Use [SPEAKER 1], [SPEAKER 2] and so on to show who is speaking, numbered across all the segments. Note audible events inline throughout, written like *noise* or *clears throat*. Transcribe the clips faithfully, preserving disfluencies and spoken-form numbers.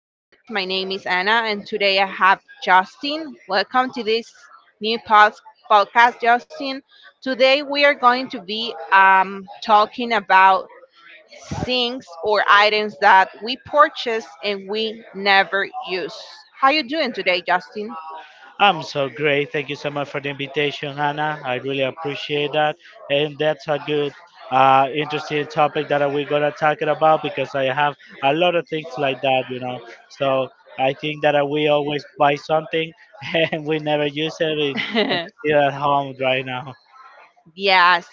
[SPEAKER 1] podcast. My name is Anna, and today I have Justin. Welcome to this new pod- podcast, Justin. Today we are going to be um, talking about things or items that we purchase and we never use. How you doing today, Justin?
[SPEAKER 2] I'm so great. Thank you so much for the invitation, Hannah. I really appreciate that. And that's a good, uh, interesting topic that we're gonna talk it about because I have a lot of things like that, you know. So I think that uh, we always buy something *laughs* and we never use it, and and it's
[SPEAKER 1] *laughs*
[SPEAKER 2] still at home right now.
[SPEAKER 1] Yes.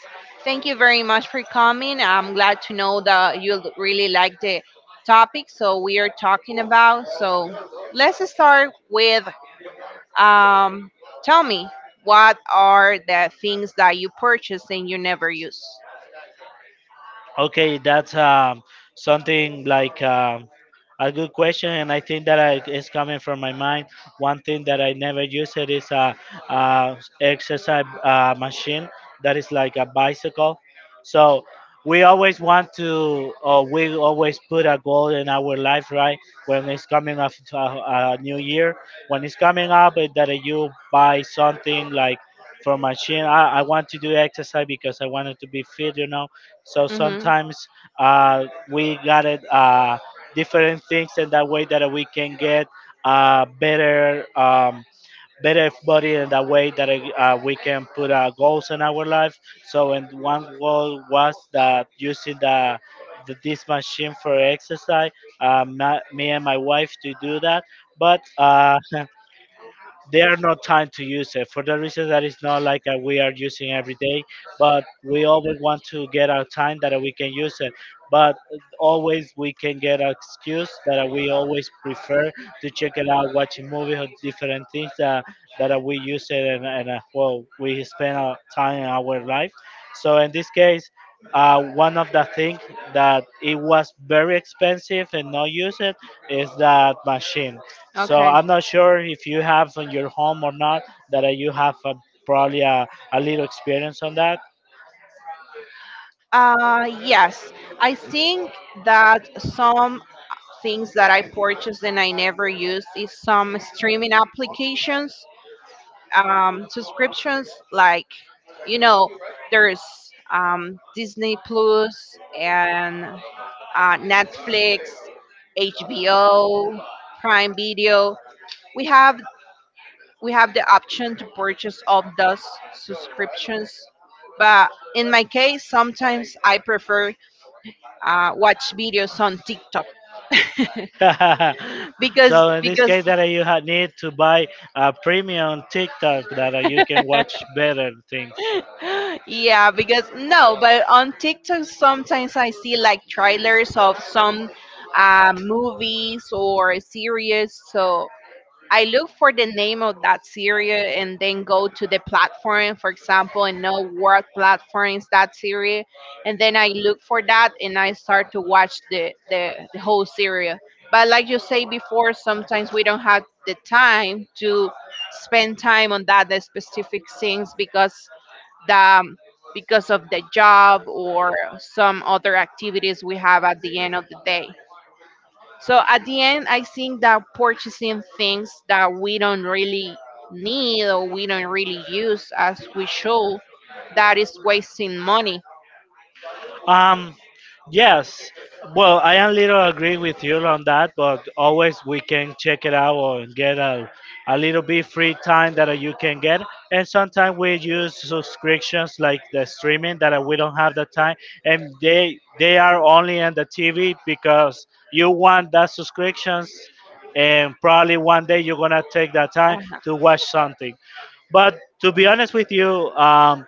[SPEAKER 1] Thank you very much for coming. I'm glad to know that you l- really like the topic so we are talking about. So let's start with um tell me, what are the things that you purchase and you never use?
[SPEAKER 2] Okay, that's um, something like um, a good question, and I think that I, is coming from my mind. One thing that I never used it is a, uh exercise uh, machine that is like a bicycle. So we always want to, or we always put a goal in our life, right? When it's coming up to a, a new year, when it's coming up, eh, that you buy something like for machine. I, I want to do exercise because I wanted to be fit, you know, so
[SPEAKER 1] Mhm.
[SPEAKER 2] sometimes uh, we got it uh, different things in that way that we can get uh, better um, better body in that way that uh, we can put uh, goals in our life. So and one goal was that using the, the this machine for exercise. Uh, ma- me and my wife to do that, but uh, *laughs* they are not time to use it for the reason that it's not like uh, we are using every day, but we always want to get our time that we can use it, but always we can get an excuse that we always prefer to check it out watching movies or different things that, that we use it and, and uh, well we spend our time in our life, so in this case uh, one of the things that it was very expensive and not used is that machine. So
[SPEAKER 1] Okay.
[SPEAKER 2] I'm not sure if you have in your home or not that uh, you have uh, probably a, a little experience on that.
[SPEAKER 1] Uh, yes. I think that some things that I purchased and I never use is some streaming applications, um, subscriptions, like, you know, there's um, Disney Plus and uh, Netflix, HBO, Prime Video. we have we have the option to purchase all those subscriptions, but in my case sometimes I prefer uh, watch videos on TikTok.
[SPEAKER 2] *laughs*
[SPEAKER 1] *laughs* because
[SPEAKER 2] So in this
[SPEAKER 1] because
[SPEAKER 2] case that uh, you ha- need to buy a premium TikTok that uh, you can watch better things.
[SPEAKER 1] *laughs* yeah, because no, but on TikTok sometimes I see like trailers of some uh, movies or series. So I look for the name of that series and then go to the platform, for example, and know what platform is that series. And then I look for that and I start to watch the, the, the whole series. But like you say before, sometimes we don't have the time to spend time on that specific things because the um, because of the job or some other activities we have at the end of the day. So at the end, I think that purchasing things that we don't really need or we don't really use as we should, that is wasting money.
[SPEAKER 2] Um, yes. Well, I am little agree with you on that, but always we can check it out or get a, a little bit free time that uh, you can get. And sometimes we use subscriptions like the streaming that uh, we don't have the time, and they they are only on the T V because you want that subscriptions, and probably one day you're gonna take that time
[SPEAKER 1] Uh-huh.
[SPEAKER 2] to watch something. But to be honest with you, um,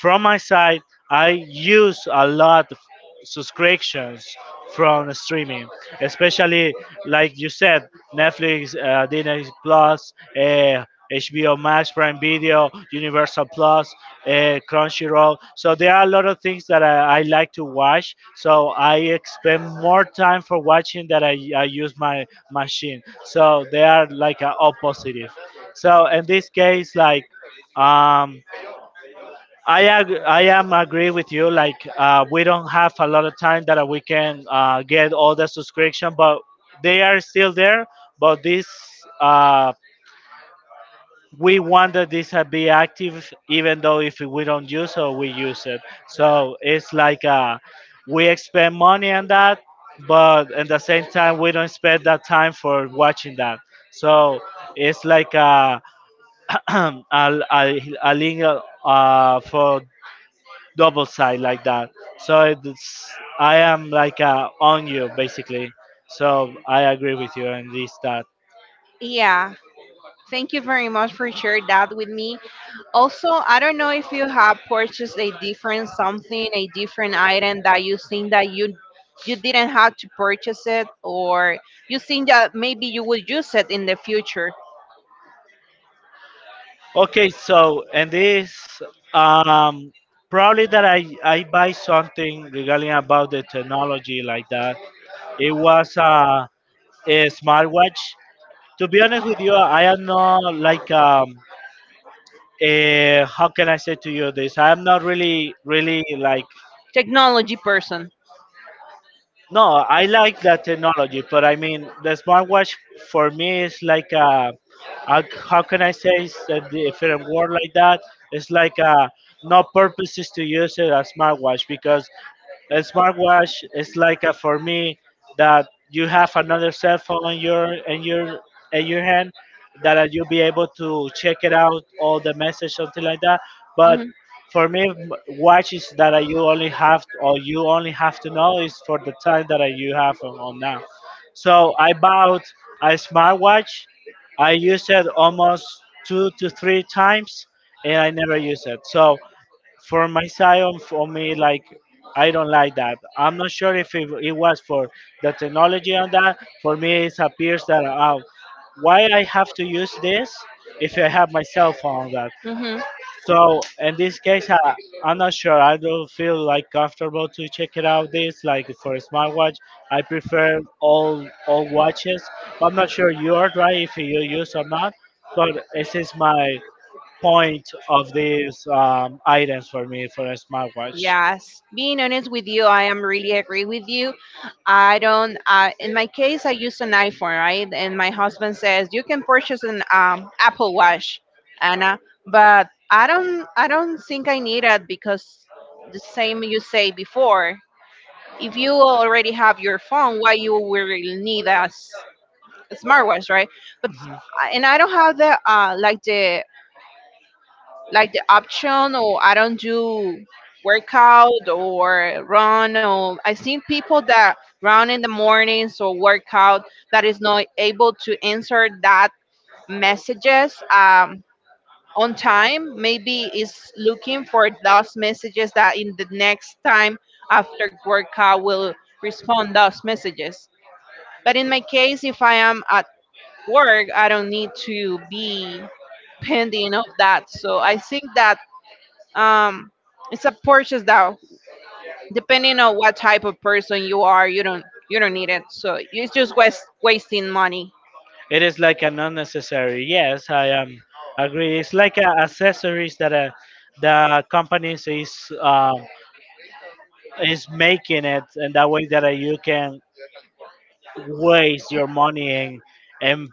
[SPEAKER 2] from my side, I use a lot of subscriptions from streaming, especially like you said, Netflix, uh, Disney Plus, uh, H B O Max, Prime Video, Universal Plus, uh, Crunchyroll. So there are a lot of things that I, I like to watch. So I spend more time for watching that I, I use my machine. So they are like a opposite. So in this case, like um, I ag- I am agree with you. Like uh, we don't have a lot of time that we can uh, get all the subscription, but they are still there. But this uh, we want that this uh, be active, even though if we don't use it, we use it. So it's like uh, we expend money on that, but at the same time we don't spend that time for watching that. So it's like. Uh, *clears throat* a, a, a link uh, uh, for double side like that. So it's I am like uh, on you basically. So I agree with you on this that.
[SPEAKER 1] Yeah, thank you very much for sharing that with me. Also, I don't know if you have purchased a different something, a different item that you think that you you didn't have to purchase it, or you think that maybe you will use it in the future.
[SPEAKER 2] Okay, so and this um, probably that I I buy something regarding about the technology like that. It was a, a smartwatch. To be honest with you, I am not like um, uh, how can I say to you this? I am not really really like.
[SPEAKER 1] Technology person.
[SPEAKER 2] No, I like that technology, but I mean, the smartwatch for me is like a, a how can I say it's a different word like that? It's like a, no purpose is to use it as smartwatch because a smartwatch is like a, for me, that you have another cell phone in your in your in your hand that you'll be able to check it out all the message something like that, but.
[SPEAKER 1] Hmm.
[SPEAKER 2] For me, m- watches that I- you only have to, or you only have to know is for the time that I- you have on, on now. So I bought a smartwatch. I used it almost two to three times, and I never use it. So for my side, on- for me, like I don't like that. I'm not sure if it, it was for the technology on that. For me, it appears that uh, why I have to use this if I have my cell phone on that.
[SPEAKER 1] Hmm.
[SPEAKER 2] So in this case, I, I'm not sure. I don't feel like comfortable to check it out. This like for a smartwatch, I prefer all all watches. I'm not sure you are right if you use or not. But this is my point of these um, items for me for a smartwatch.
[SPEAKER 1] Yes, being honest with you, I am really agree with you. I don't. Uh, in my case, I use an iPhone, right? And my husband says you can purchase an um, Apple Watch, Anna. But I don't. I don't think I need it because the same you say before. If you already have your phone, why you will need a, s- a smartwatch, right? But uh, and I don't have the uh, like the like the option, or I don't do workout or run, or I've seen people that run in the mornings or workout that is not able to answer that messages um, on time. Maybe is looking for those messages that in the next time after workout will respond those messages. But in my case, if I am at work, I don't need to be pending of that. So I think that um, it's a purchase though. Depending on what type of person you are, you don't you don't need it. So it's just waste, wasting money.
[SPEAKER 2] It is like an unnecessary. Yes, I am agree. It's like a accessories that uh the companies is um, is making it, and that way that uh, you can waste your money and and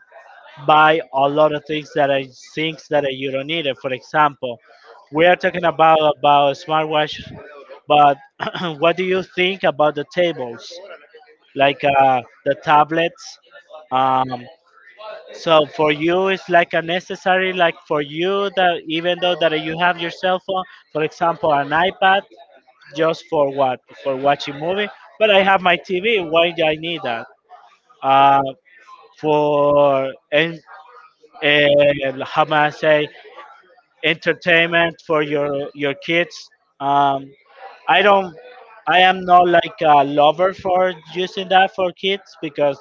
[SPEAKER 2] buy a lot of things that I things that you don't need. It. For example, we are talking about about smartwatch, but *clears throat* what do you think about the tables, like uh, the tablets? Um, so for you, it's like a necessary, like for you that even though that you have your cell phone, for example, an iPad, just for what? For watching movie. But I have my T V. Why do I need that? Uh, for and and how may I say entertainment for your your kids. Um, I don't. I am not like a lover for using that for kids because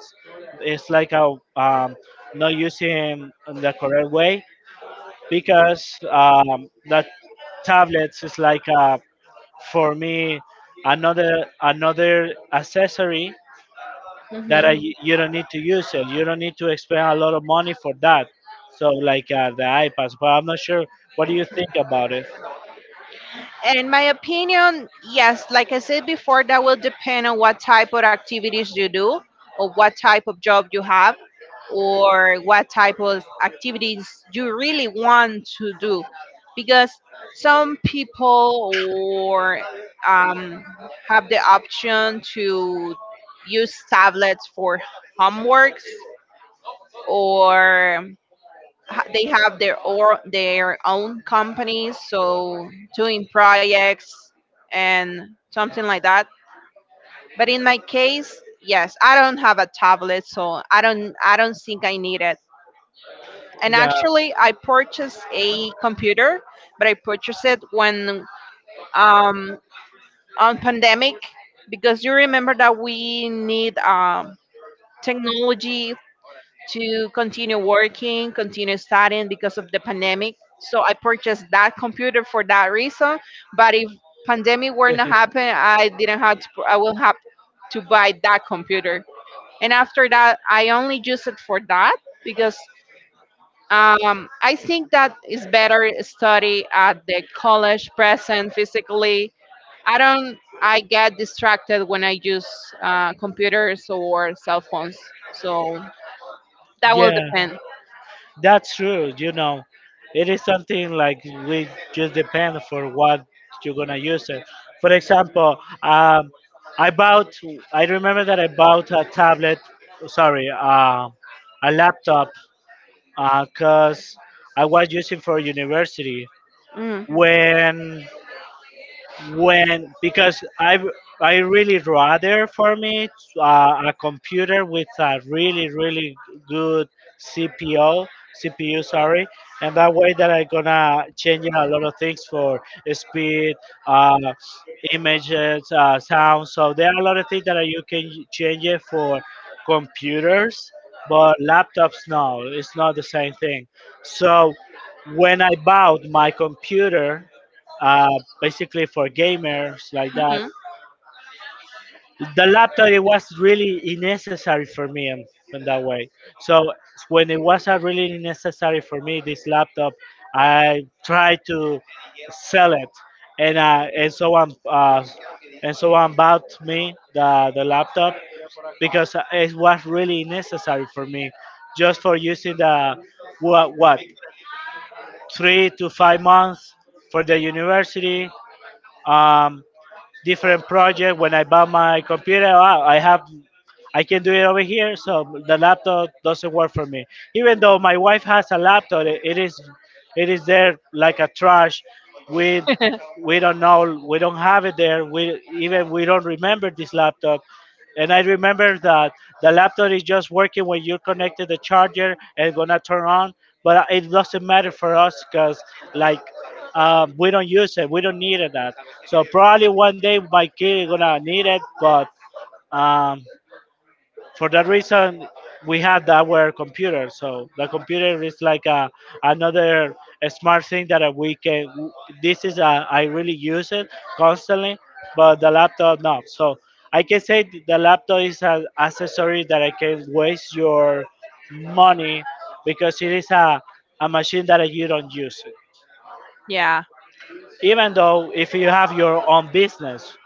[SPEAKER 2] it's like a um, not using in the correct way because um, that tablets is like a, for me another another accessory that I,
[SPEAKER 1] Mhm.
[SPEAKER 2] you don't need to use it. You don't need to expend a lot of money for that. So like uh, the iPads, but I'm not sure. What do you think about it?
[SPEAKER 1] In my opinion, yes, like I said before, that will depend on what type of activities you do, or what type of job you have, or what type of activities you really want to do. Because some people or um, have the option to use tablets for homeworks, or ha- they have their or their own companies, so doing projects and something like that. But in my case, yes, I don't have a tablet, so i don't I don't think I need it. And
[SPEAKER 2] Yeah,
[SPEAKER 1] actually I purchased a computer, but I purchased it when, um on pandemic, because you remember that we need um technology to continue working, continue studying because of the pandemic. So I purchased that computer for that reason. But if pandemic were not happen, I
[SPEAKER 2] *laughs*
[SPEAKER 1] didn't have to, I will have to buy that computer. And after that, I only use it for that because um, I think that it's better study at the college present physically. I don't. I get distracted when I use uh, computers or cell phones. So that will
[SPEAKER 2] yeah,
[SPEAKER 1] depend.
[SPEAKER 2] that's true. You know, it is something like we just depend for what you're gonna use it. For example, um, I bought. I remember that I bought a tablet. Sorry, uh, a laptop because I was using for university when when because I I really rather for me uh, a computer with a really really good CPO C P U sorry, and that way that I gonna change a lot of things for speed, uh, images, uh, sound. So there are a lot of things that you can change it for computers, but laptops no, it's not the same thing. So when I bought my computer uh, basically for gamers like that.
[SPEAKER 1] Mhm.
[SPEAKER 2] The laptop it was really unnecessary for me in, in that way. So when it was uh, really necessary for me, this laptop, I tried to sell it, and uh, and someone uh, and someone bought me the the laptop because uh, it was really necessary for me just for using the what what three to five months for the university. Um, different project. When I buy my computer, wow, I have I can do it over here, so the laptop doesn't work for me. Even though my wife has a laptop, it, it is it is there like a trash. We we don't
[SPEAKER 1] *laughs*
[SPEAKER 2] know, we don't have it there. We even we don't remember this laptop. And I remember that the laptop is just working when you connected the charger and it's gonna turn on, but it doesn't matter for us because like um, we don't use it, we don't need it that. So probably one day my kid is gonna need it, but um, for that reason, we had our computer. So the computer is like a, another smart thing that uh, we can. This is a, I really use it constantly, but the laptop no. So I can say th- the laptop is an accessory that I can waste your money because it is a, a machine that you don't use it,
[SPEAKER 1] Yeah.
[SPEAKER 2] even though if you have your own business,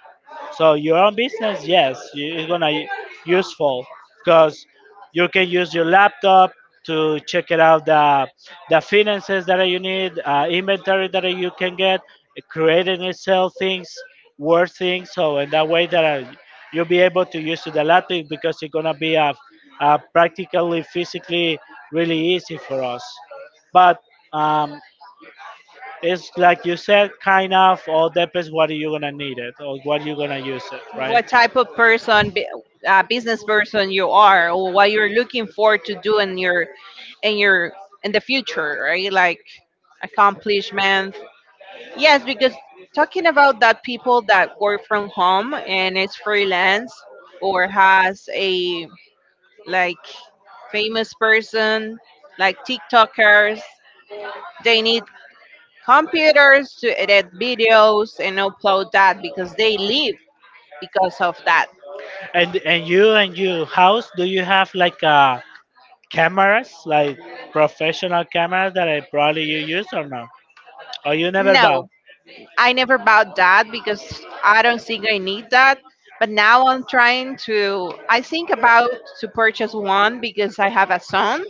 [SPEAKER 2] so your own business, yes, you- it's gonna u- useful because you can use your laptop to check it out the the finances that you need, uh, inventory that you can get, creating and sell things, worth things. So in that way that uh, you'll be able to use the laptop because it's gonna be uh, uh, practically, physically, really easy for us. But um, it's like you said, kind of all depends what you're gonna need it or what you're gonna use it, right?
[SPEAKER 1] What type of person, bu- uh, business person you are, or what you're looking forward to do in your in your in the future, right? Like accomplishment. Yes, because talking about that people that work from home and is freelance or has a like famous person like TikTokers, they need computers to edit videos and upload that because they live because of that.
[SPEAKER 2] And and you and your house, do you have like uh cameras, like professional cameras that I probably you use or no? Or you never bought?
[SPEAKER 1] No,
[SPEAKER 2] *laughs*
[SPEAKER 1] I never bought that because I don't think I need that. But now I'm trying to, I think about to purchase one because I have a son.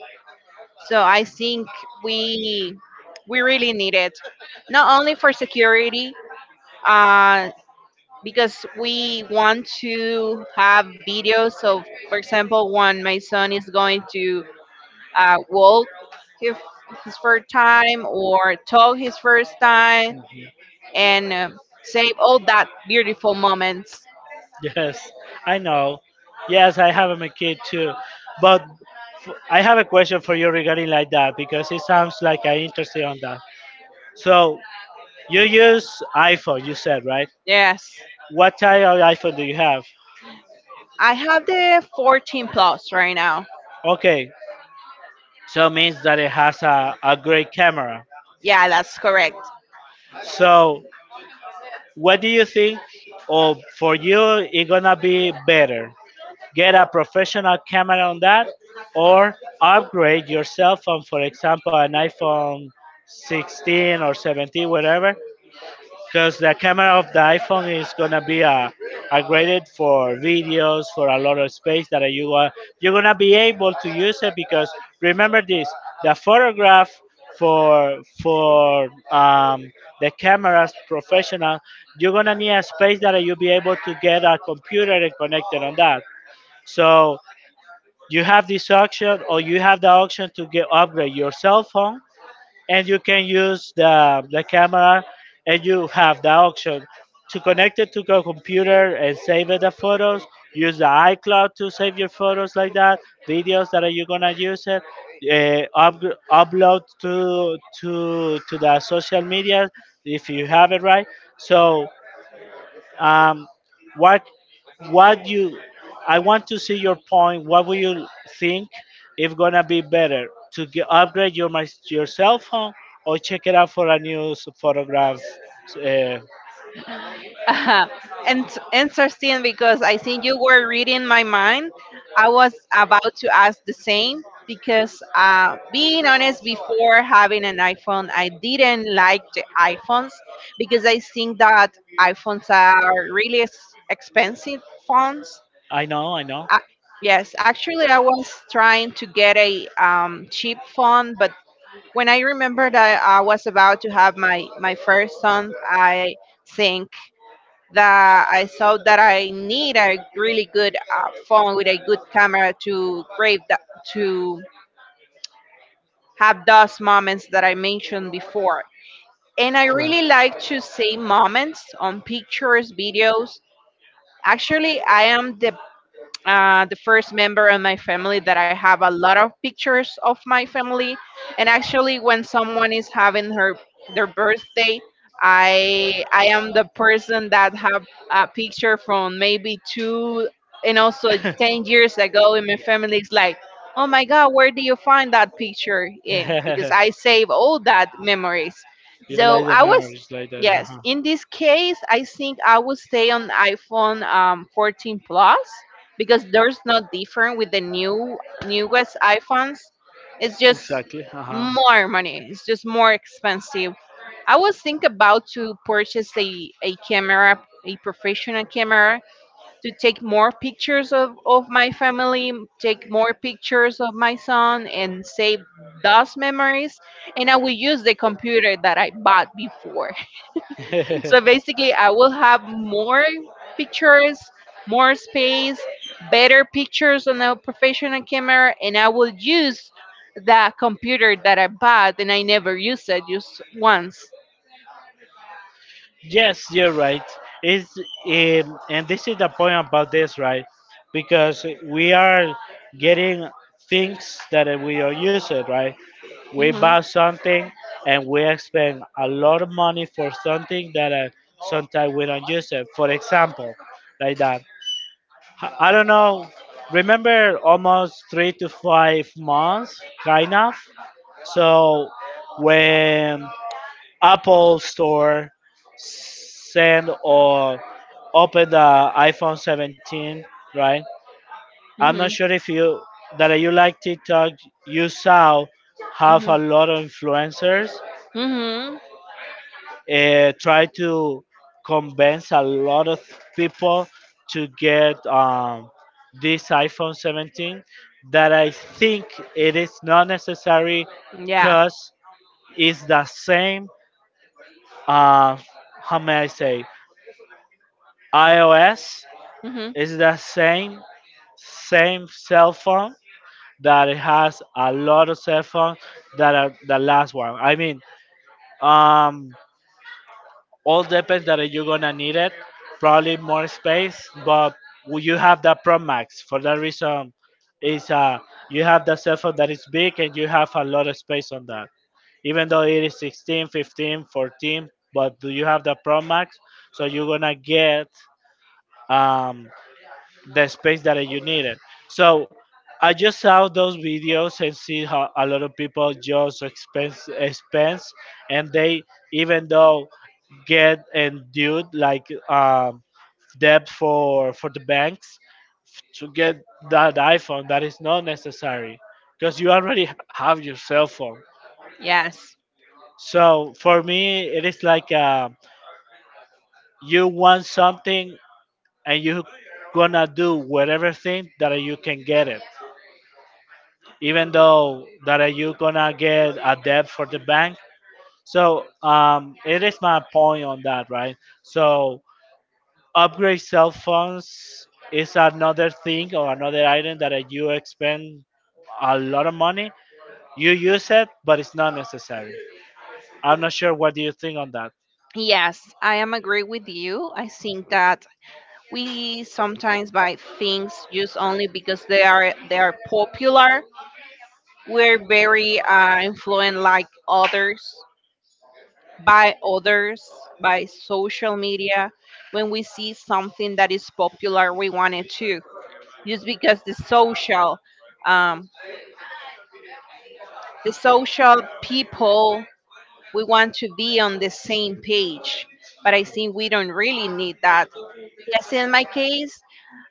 [SPEAKER 1] So I think we we really need it, not only for security, uh, because we want to have videos of, for example, when my son is going to uh, walk his, his first time or talk his first time and uh, save all that beautiful moments.
[SPEAKER 2] Yes, I know. Yes, I have a kid too, but f- I have a question for you regarding like that because it sounds like I interested on that. So you use iPhone, you said, right?
[SPEAKER 1] Yes,
[SPEAKER 2] What type of iPhone do you have?
[SPEAKER 1] I have the fourteen plus right now.
[SPEAKER 2] Okay, so means that it has a, a great camera.
[SPEAKER 1] Yeah, that's correct.
[SPEAKER 2] So, what do you think? Or for you, it gonna be better. Get a professional camera on that, or upgrade your cell phone. For example, an iPhone sixteen or seventeen, whatever, because the camera of the iPhone is gonna be uh, upgraded for videos, for a lot of space that you are you're gonna be able to use it. Because remember this, the photograph, for for um, the cameras professional, you're gonna need a space that you'll be able to get a computer and connect it on that. So you have this option, or you have the option to get upgrade your cell phone, and you can use the, the camera, and you have the option to connect it to your computer and save it the photos, use the icloud to save your photos like that, videos that are you gonna use it, uh, upgr upload to to to the social media, if you have it, right? So um, what what you I want to see your point. What will you think is gonna be better to get, upgrade your my, your cell phone, or check it out for a new s- photograph? Uh,
[SPEAKER 1] *laughs* Uh, and interesting because I think you were reading my mind. I was about to ask the same because, uh, being honest, before having an iPhone, I didn't like the iPhones because I think that iPhones are really ex- expensive phones.
[SPEAKER 2] I know, I know.
[SPEAKER 1] Uh, yes, actually, I was trying to get a um, cheap phone, but when I remembered that I was about to have my, my first son, I think that I saw that I need a really good uh, phone with a good camera to grab that, to have those moments that I mentioned before. And I
[SPEAKER 2] Right.
[SPEAKER 1] really like to see moments on pictures, videos. Actually, I am the uh, the first member of my family that I have a lot of pictures of my family. And actually, when someone is having her their birthday, I I am the person that have a picture from maybe two and also ten years ago in my family. It's like, oh my God, where do you find that picture in? Because
[SPEAKER 2] *laughs*
[SPEAKER 1] I save all that memories.
[SPEAKER 2] You like
[SPEAKER 1] So
[SPEAKER 2] the
[SPEAKER 1] I was,
[SPEAKER 2] memories like that. Uh-huh.
[SPEAKER 1] yes, in this case, I think I would stay on iPhone um, fourteen Plus because there's not different with the new newest iPhones. It's just
[SPEAKER 2] Exactly. Uh
[SPEAKER 1] more money. It's just more expensive. I was think about to purchase a, a camera, a professional camera, to take more pictures of, of my family, take more pictures of my son and save those memories. And I will use the computer that I bought before.
[SPEAKER 2] huh.
[SPEAKER 1] So
[SPEAKER 2] *laughs*
[SPEAKER 1] basically, I will have more pictures, more space, better pictures on a professional camera, and I will use the computer that I bought and I never used it just once.
[SPEAKER 2] Yes, you're right. It's um, and this is the point about this, right? Because we are getting things that we are using, right? We
[SPEAKER 1] Hmm.
[SPEAKER 2] buy something, and we spend a lot of money for something that uh, sometimes we don't use it. For example, like that. H- I don't know. Remember, almost three to five months, kind of. So when Apple Store send or open the iPhone seventeen, right? I'm
[SPEAKER 1] Hmm.
[SPEAKER 2] not sure if you that you like TikTok. You saw have a lot of influencers
[SPEAKER 1] Hmm. Hmm.
[SPEAKER 2] uh, try to convince a lot of people to get um, this iPhone seventeen. That I think it is not necessary
[SPEAKER 1] Yeah.
[SPEAKER 2] because it's the same. Uh, how may I say? iOS
[SPEAKER 1] Hmm.
[SPEAKER 2] is the same same cell phone that it has a lot of cell phones that are the last one. I mean, um, all depends that you're gonna need it. Probably more space, but will you have the Pro Max. For that reason, is uh you have the cell phone that is big and you have a lot of space on that. Even though it is sixteen, fifteen, fourteen, but do you have the Pro Max? So you're gonna get um the space that you needed. So I just saw those videos and see how a lot of people just expense expense and they, even though, get and due like um, debt for for the banks to get that iPhone that is not necessary because you already ha- have your cell phone.
[SPEAKER 1] Yes.
[SPEAKER 2] So for me, it is like uh, you want something and you gonna do whatever thing that you can get it, even though that are you gonna get a debt for the bank. So um, it is my point on that, right? So upgrade cell phones is another thing, or another item that uh, you expend a lot of money. You use it, but it's not necessary. I'm not sure what do you think on that.
[SPEAKER 1] Yes, I am agree with you. I think that we sometimes buy things just only because they are they are popular. We're very uh, influenced like others by others, by social media. When we see something that is popular, we want it too. Just because the social, um, the social people, we want to be on the same page. But I think we don't really need that. Yes, in my case,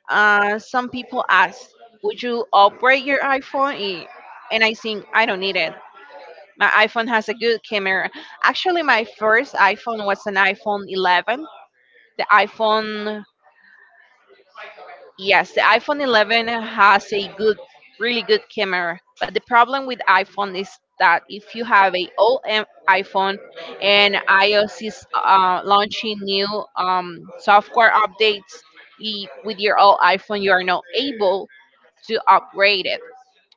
[SPEAKER 1] Uh, some people ask, "Would you upgrade your iPhone?" I- And I think I don't need it. My iPhone has a good camera. Actually, my first iPhone was an iPhone eleven. The iPhone, yes, the iPhone eleven has a good, really good camera. But the problem with iPhone is that if you have a old em- iPhone and iOS is uh, launching new um, software updates, i- with your old iPhone, you are not able to upgrade it.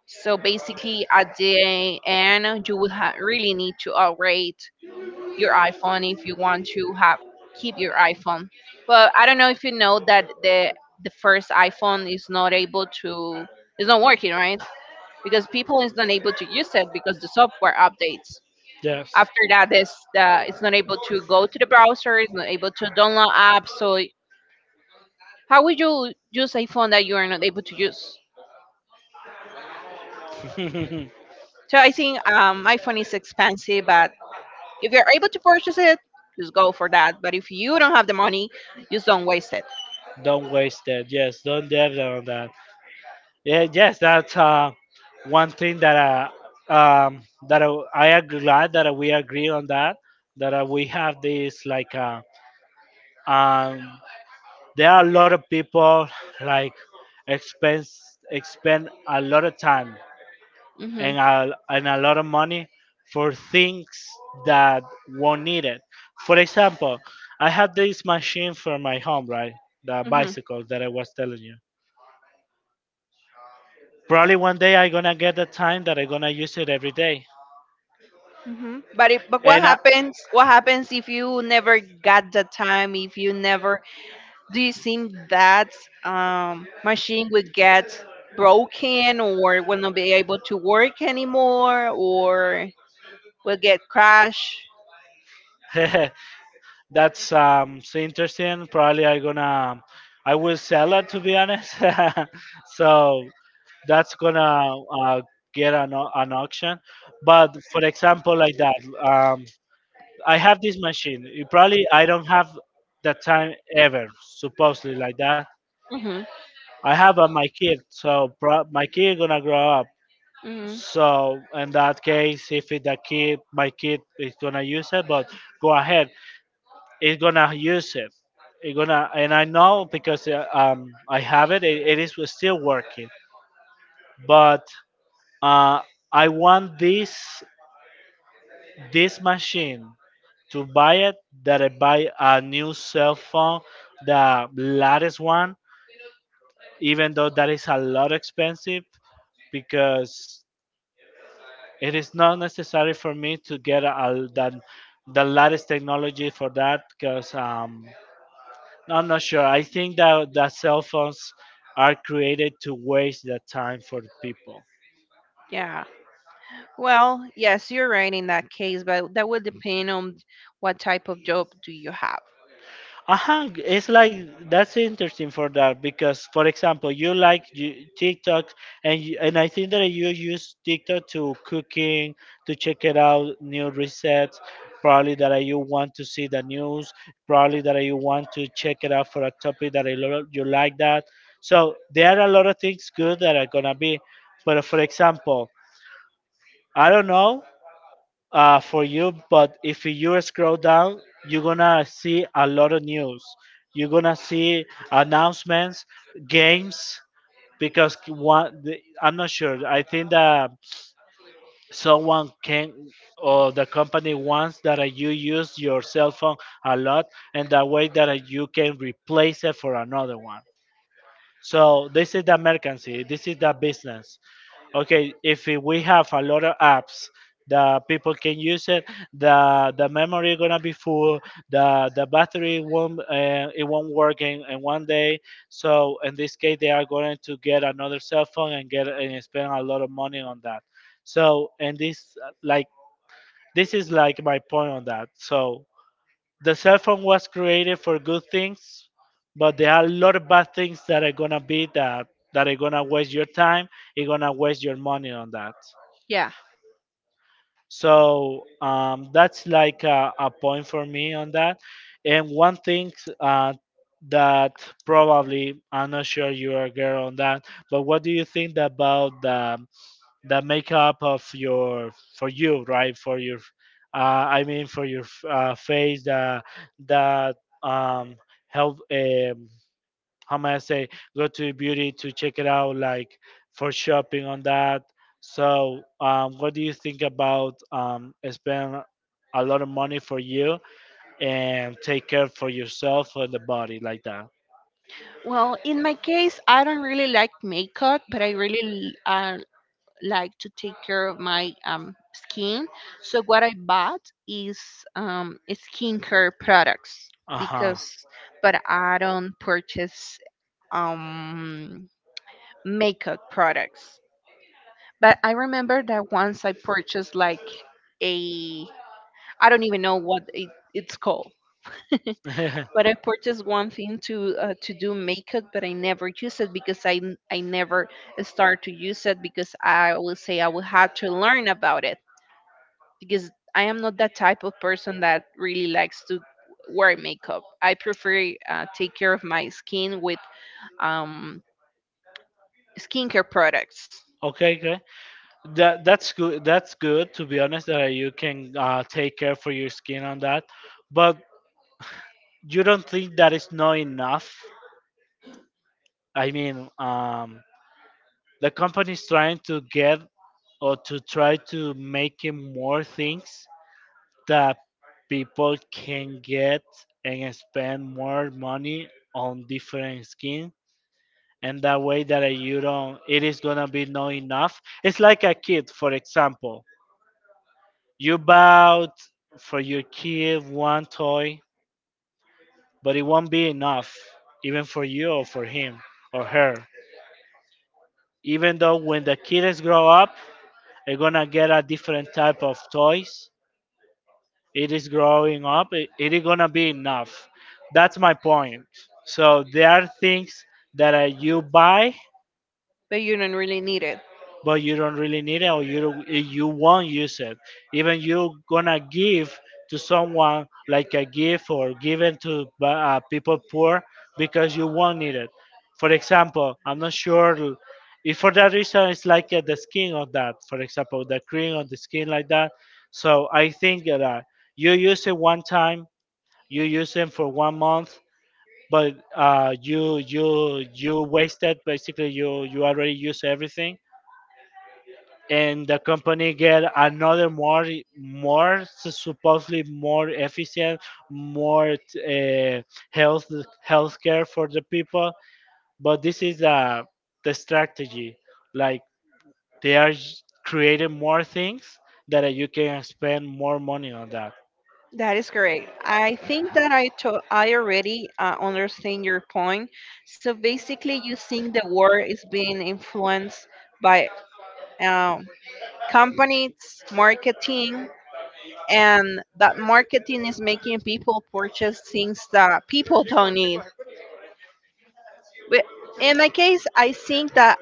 [SPEAKER 1] So basically, at the end, you will ha- really need to upgrade your iPhone if you want to have keep your iPhone. But I don't know if you know that the the first iPhone is not able to, it's not working, right? Because people is not able to use it because the software updates.
[SPEAKER 2] Yes.
[SPEAKER 1] After that, this uh, it's not able to go to the browser, it's not able to download apps. So how would you use iPhone that you are not able to use? So I think um, iPhone is expensive, but if you're able to purchase it, just go for that. But if you don't have the money, just don't waste it.
[SPEAKER 2] *laughs* Don't waste it. Yes, don't depend on that. Yeah, yes, that's uh, one thing that uh, um, that I, I am glad that we agree on that. That uh, we have this like uh, um, there are a lot of people like expense expend a lot of time,
[SPEAKER 1] Hmm.
[SPEAKER 2] and a, and a lot of money for things that won't need it. For example, I have this machine for my home, right? The
[SPEAKER 1] Hmm.
[SPEAKER 2] bicycle that I was telling you. Probably one day I gonna get the time that I gonna use it every day.
[SPEAKER 1] Hmm. But if, but what
[SPEAKER 2] And I,
[SPEAKER 1] happens? What happens if you never got the time? If you never, do you think that um, machine would get broken or will not be able to work anymore or will get crashed?
[SPEAKER 2] *laughs* that's um so interesting. Probably I gonna I will sell it, to be honest. *laughs* So that's gonna uh, get an, au- an auction. But for example, like that, um, I have this machine. You probably I don't have the time ever, supposedly like that.
[SPEAKER 1] Hmm.
[SPEAKER 2] I have uh, my kid, so pro- my kid gonna grow up.
[SPEAKER 1] Hmm.
[SPEAKER 2] So in that case, if it, the kid, my kid is gonna use it, but go ahead, it's gonna use it. It gonna, and I know because uh, um I have it. It, it is still working, but uh I want this this machine to buy it, that I buy a new cell phone, the latest one, even though that is a lot expensive, because it is not necessary for me to get a, the, the latest technology for that, because um, no, I'm not sure. I think that, that cell phones are created to waste the time for people.
[SPEAKER 1] Yeah. Well, yes, you're right in that case, but that will depend on what type of job do you have.
[SPEAKER 2] Uh-huh. It's like, that's interesting for that, because for example, you like you, TikTok, and you, and I think that you use TikTok to cooking, to check it out new resets, probably that you want to see the news, probably that you want to check it out for a topic that I lo- you like that. So there are a lot of things good that are gonna be, but for example, I don't know, uh, for you. But if you scroll down, you're gonna see a lot of news. You're gonna see announcements, games. Because one, the, I'm not sure. I think that someone can, or the company wants that uh, you use your cell phone a lot, and that way that uh, you can replace it for another one. So this is the mercancy. This is the business. Okay, if it- we have a lot of apps that people can use it, the the memory gonna be full, the the battery won't uh, it won't work in, in one day. So in this case, they are going to get another cell phone and get and spend a lot of money on that. So and this uh, like, this is like my point on that. So the cell phone was created for good things, but there are a lot of bad things that are gonna be that that are gonna waste your time. You're gonna waste your money on that.
[SPEAKER 1] Yeah.
[SPEAKER 2] So um, that's like a, a point for me on that. And one thing uh, that probably I'm not sure you are a girl on that, but what do you think about the the makeup of your, for you, right? For your uh, I mean, for your uh, face, the the um help, um how may I say, go to beauty to check it out, like, for shopping on that. So um what do you think about um spend a lot of money for you and take care for yourself and the body like that?
[SPEAKER 1] Well, in my case, I don't really like makeup, but I really uh, like to take care of my um, skin. So what I bought is um, skincare products
[SPEAKER 2] Uh-huh.
[SPEAKER 1] because, but I don't purchase um, makeup products. But I remember that once I purchased like a, I don't even know what it, it's called.
[SPEAKER 2] *laughs*
[SPEAKER 1] But I purchased one thing to uh, to do makeup, but I never use it because I n- I never start to use it because I will say I will have to learn about it because I am not that type of person that really likes to wear makeup. I prefer uh, take care of my skin with um, skincare products,
[SPEAKER 2] Okay, okay, that that's good, that's good, to be honest, that you can uh, take care for your skin on that. But you don't think that is not enough? I mean, um, the company is trying to get, or to try to make it more things that people can get and spend more money on different skin, and that way that uh, you don't, it is gonna be not enough. It's like a kid, for example. You bought for your kid one toy, but it won't be enough, even for you or for him or her. Even though when the kids grow up, they're gonna get a different type of toys. It is growing up. It, it is gonna be enough. That's my point. So there are things that uh, you buy,
[SPEAKER 1] but you don't really need it.
[SPEAKER 2] but you don't really need it, or you don't- eh, you won't use it. Even you gonna give to someone like a gift, or given to by, uh, people poor, because you won't need it. For example, I'm not sure, l- if for that reason, it's like uh, the skin of that, for example, the cream on the skin like that. So I think that uh, you use it one time, you use it for one month. But uh, you you you wasted basically, you you already use everything, and the company get another more, more supposedly more efficient, more uh, health healthcare for the people. But this is uh, the strategy, like they are j- creating more things that uh, you can spend more money on that.
[SPEAKER 1] That is correct. I think that I to- I already uh, understand your point. So basically, you think the world is being influenced by um, companies, marketing, and that marketing is making people purchase things that people don't need. But in my case, I think that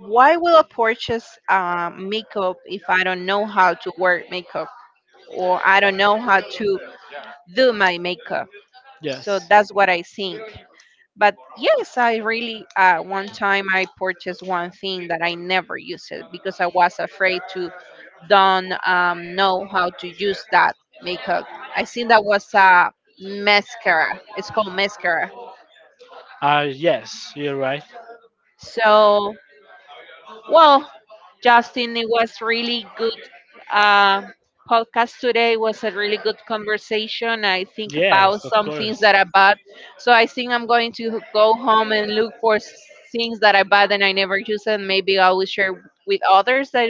[SPEAKER 1] why will I purchase uh, makeup if I don't know how to wear makeup or I don't know how to do my makeup?
[SPEAKER 2] Yes.
[SPEAKER 1] So that's what I think. But yes, I really uh, one time I purchased one thing that I never used it because I was afraid to don't um, know how to use that makeup. I think that was a mascara. It's called mascara.
[SPEAKER 2] Uh yes, you're right.
[SPEAKER 1] So, well, Justin, it was really good uh, podcast today. It was a really good conversation. I think
[SPEAKER 2] Yes,
[SPEAKER 1] about
[SPEAKER 2] of
[SPEAKER 1] some things
[SPEAKER 2] course.
[SPEAKER 1] that I bought. So I think I'm going to go home and look for s- things that I bought and I never use, and maybe I will share with others that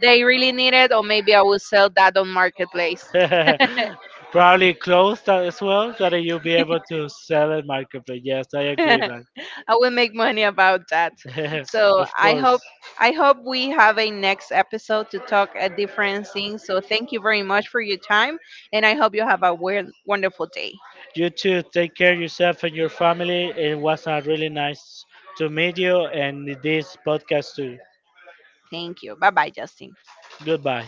[SPEAKER 1] they really need it, or maybe I will sell that on marketplace.
[SPEAKER 2] *laughs* Probably clothes that as well that you'll be able to sell at marketplace. Yes, I
[SPEAKER 1] *laughs*
[SPEAKER 2] agree,
[SPEAKER 1] I
[SPEAKER 2] man.
[SPEAKER 1] will make money about that.
[SPEAKER 2] *laughs*
[SPEAKER 1] So
[SPEAKER 2] Of
[SPEAKER 1] I
[SPEAKER 2] course.
[SPEAKER 1] hope I hope we have a next episode to talk a different things. So thank you very much for your time, and I hope you have a weird, wonderful day.
[SPEAKER 2] You too. Take care of yourself and your family. It was uh, really nice to meet you and this podcast too.
[SPEAKER 1] Thank you. Bye bye, Justin.
[SPEAKER 2] Goodbye.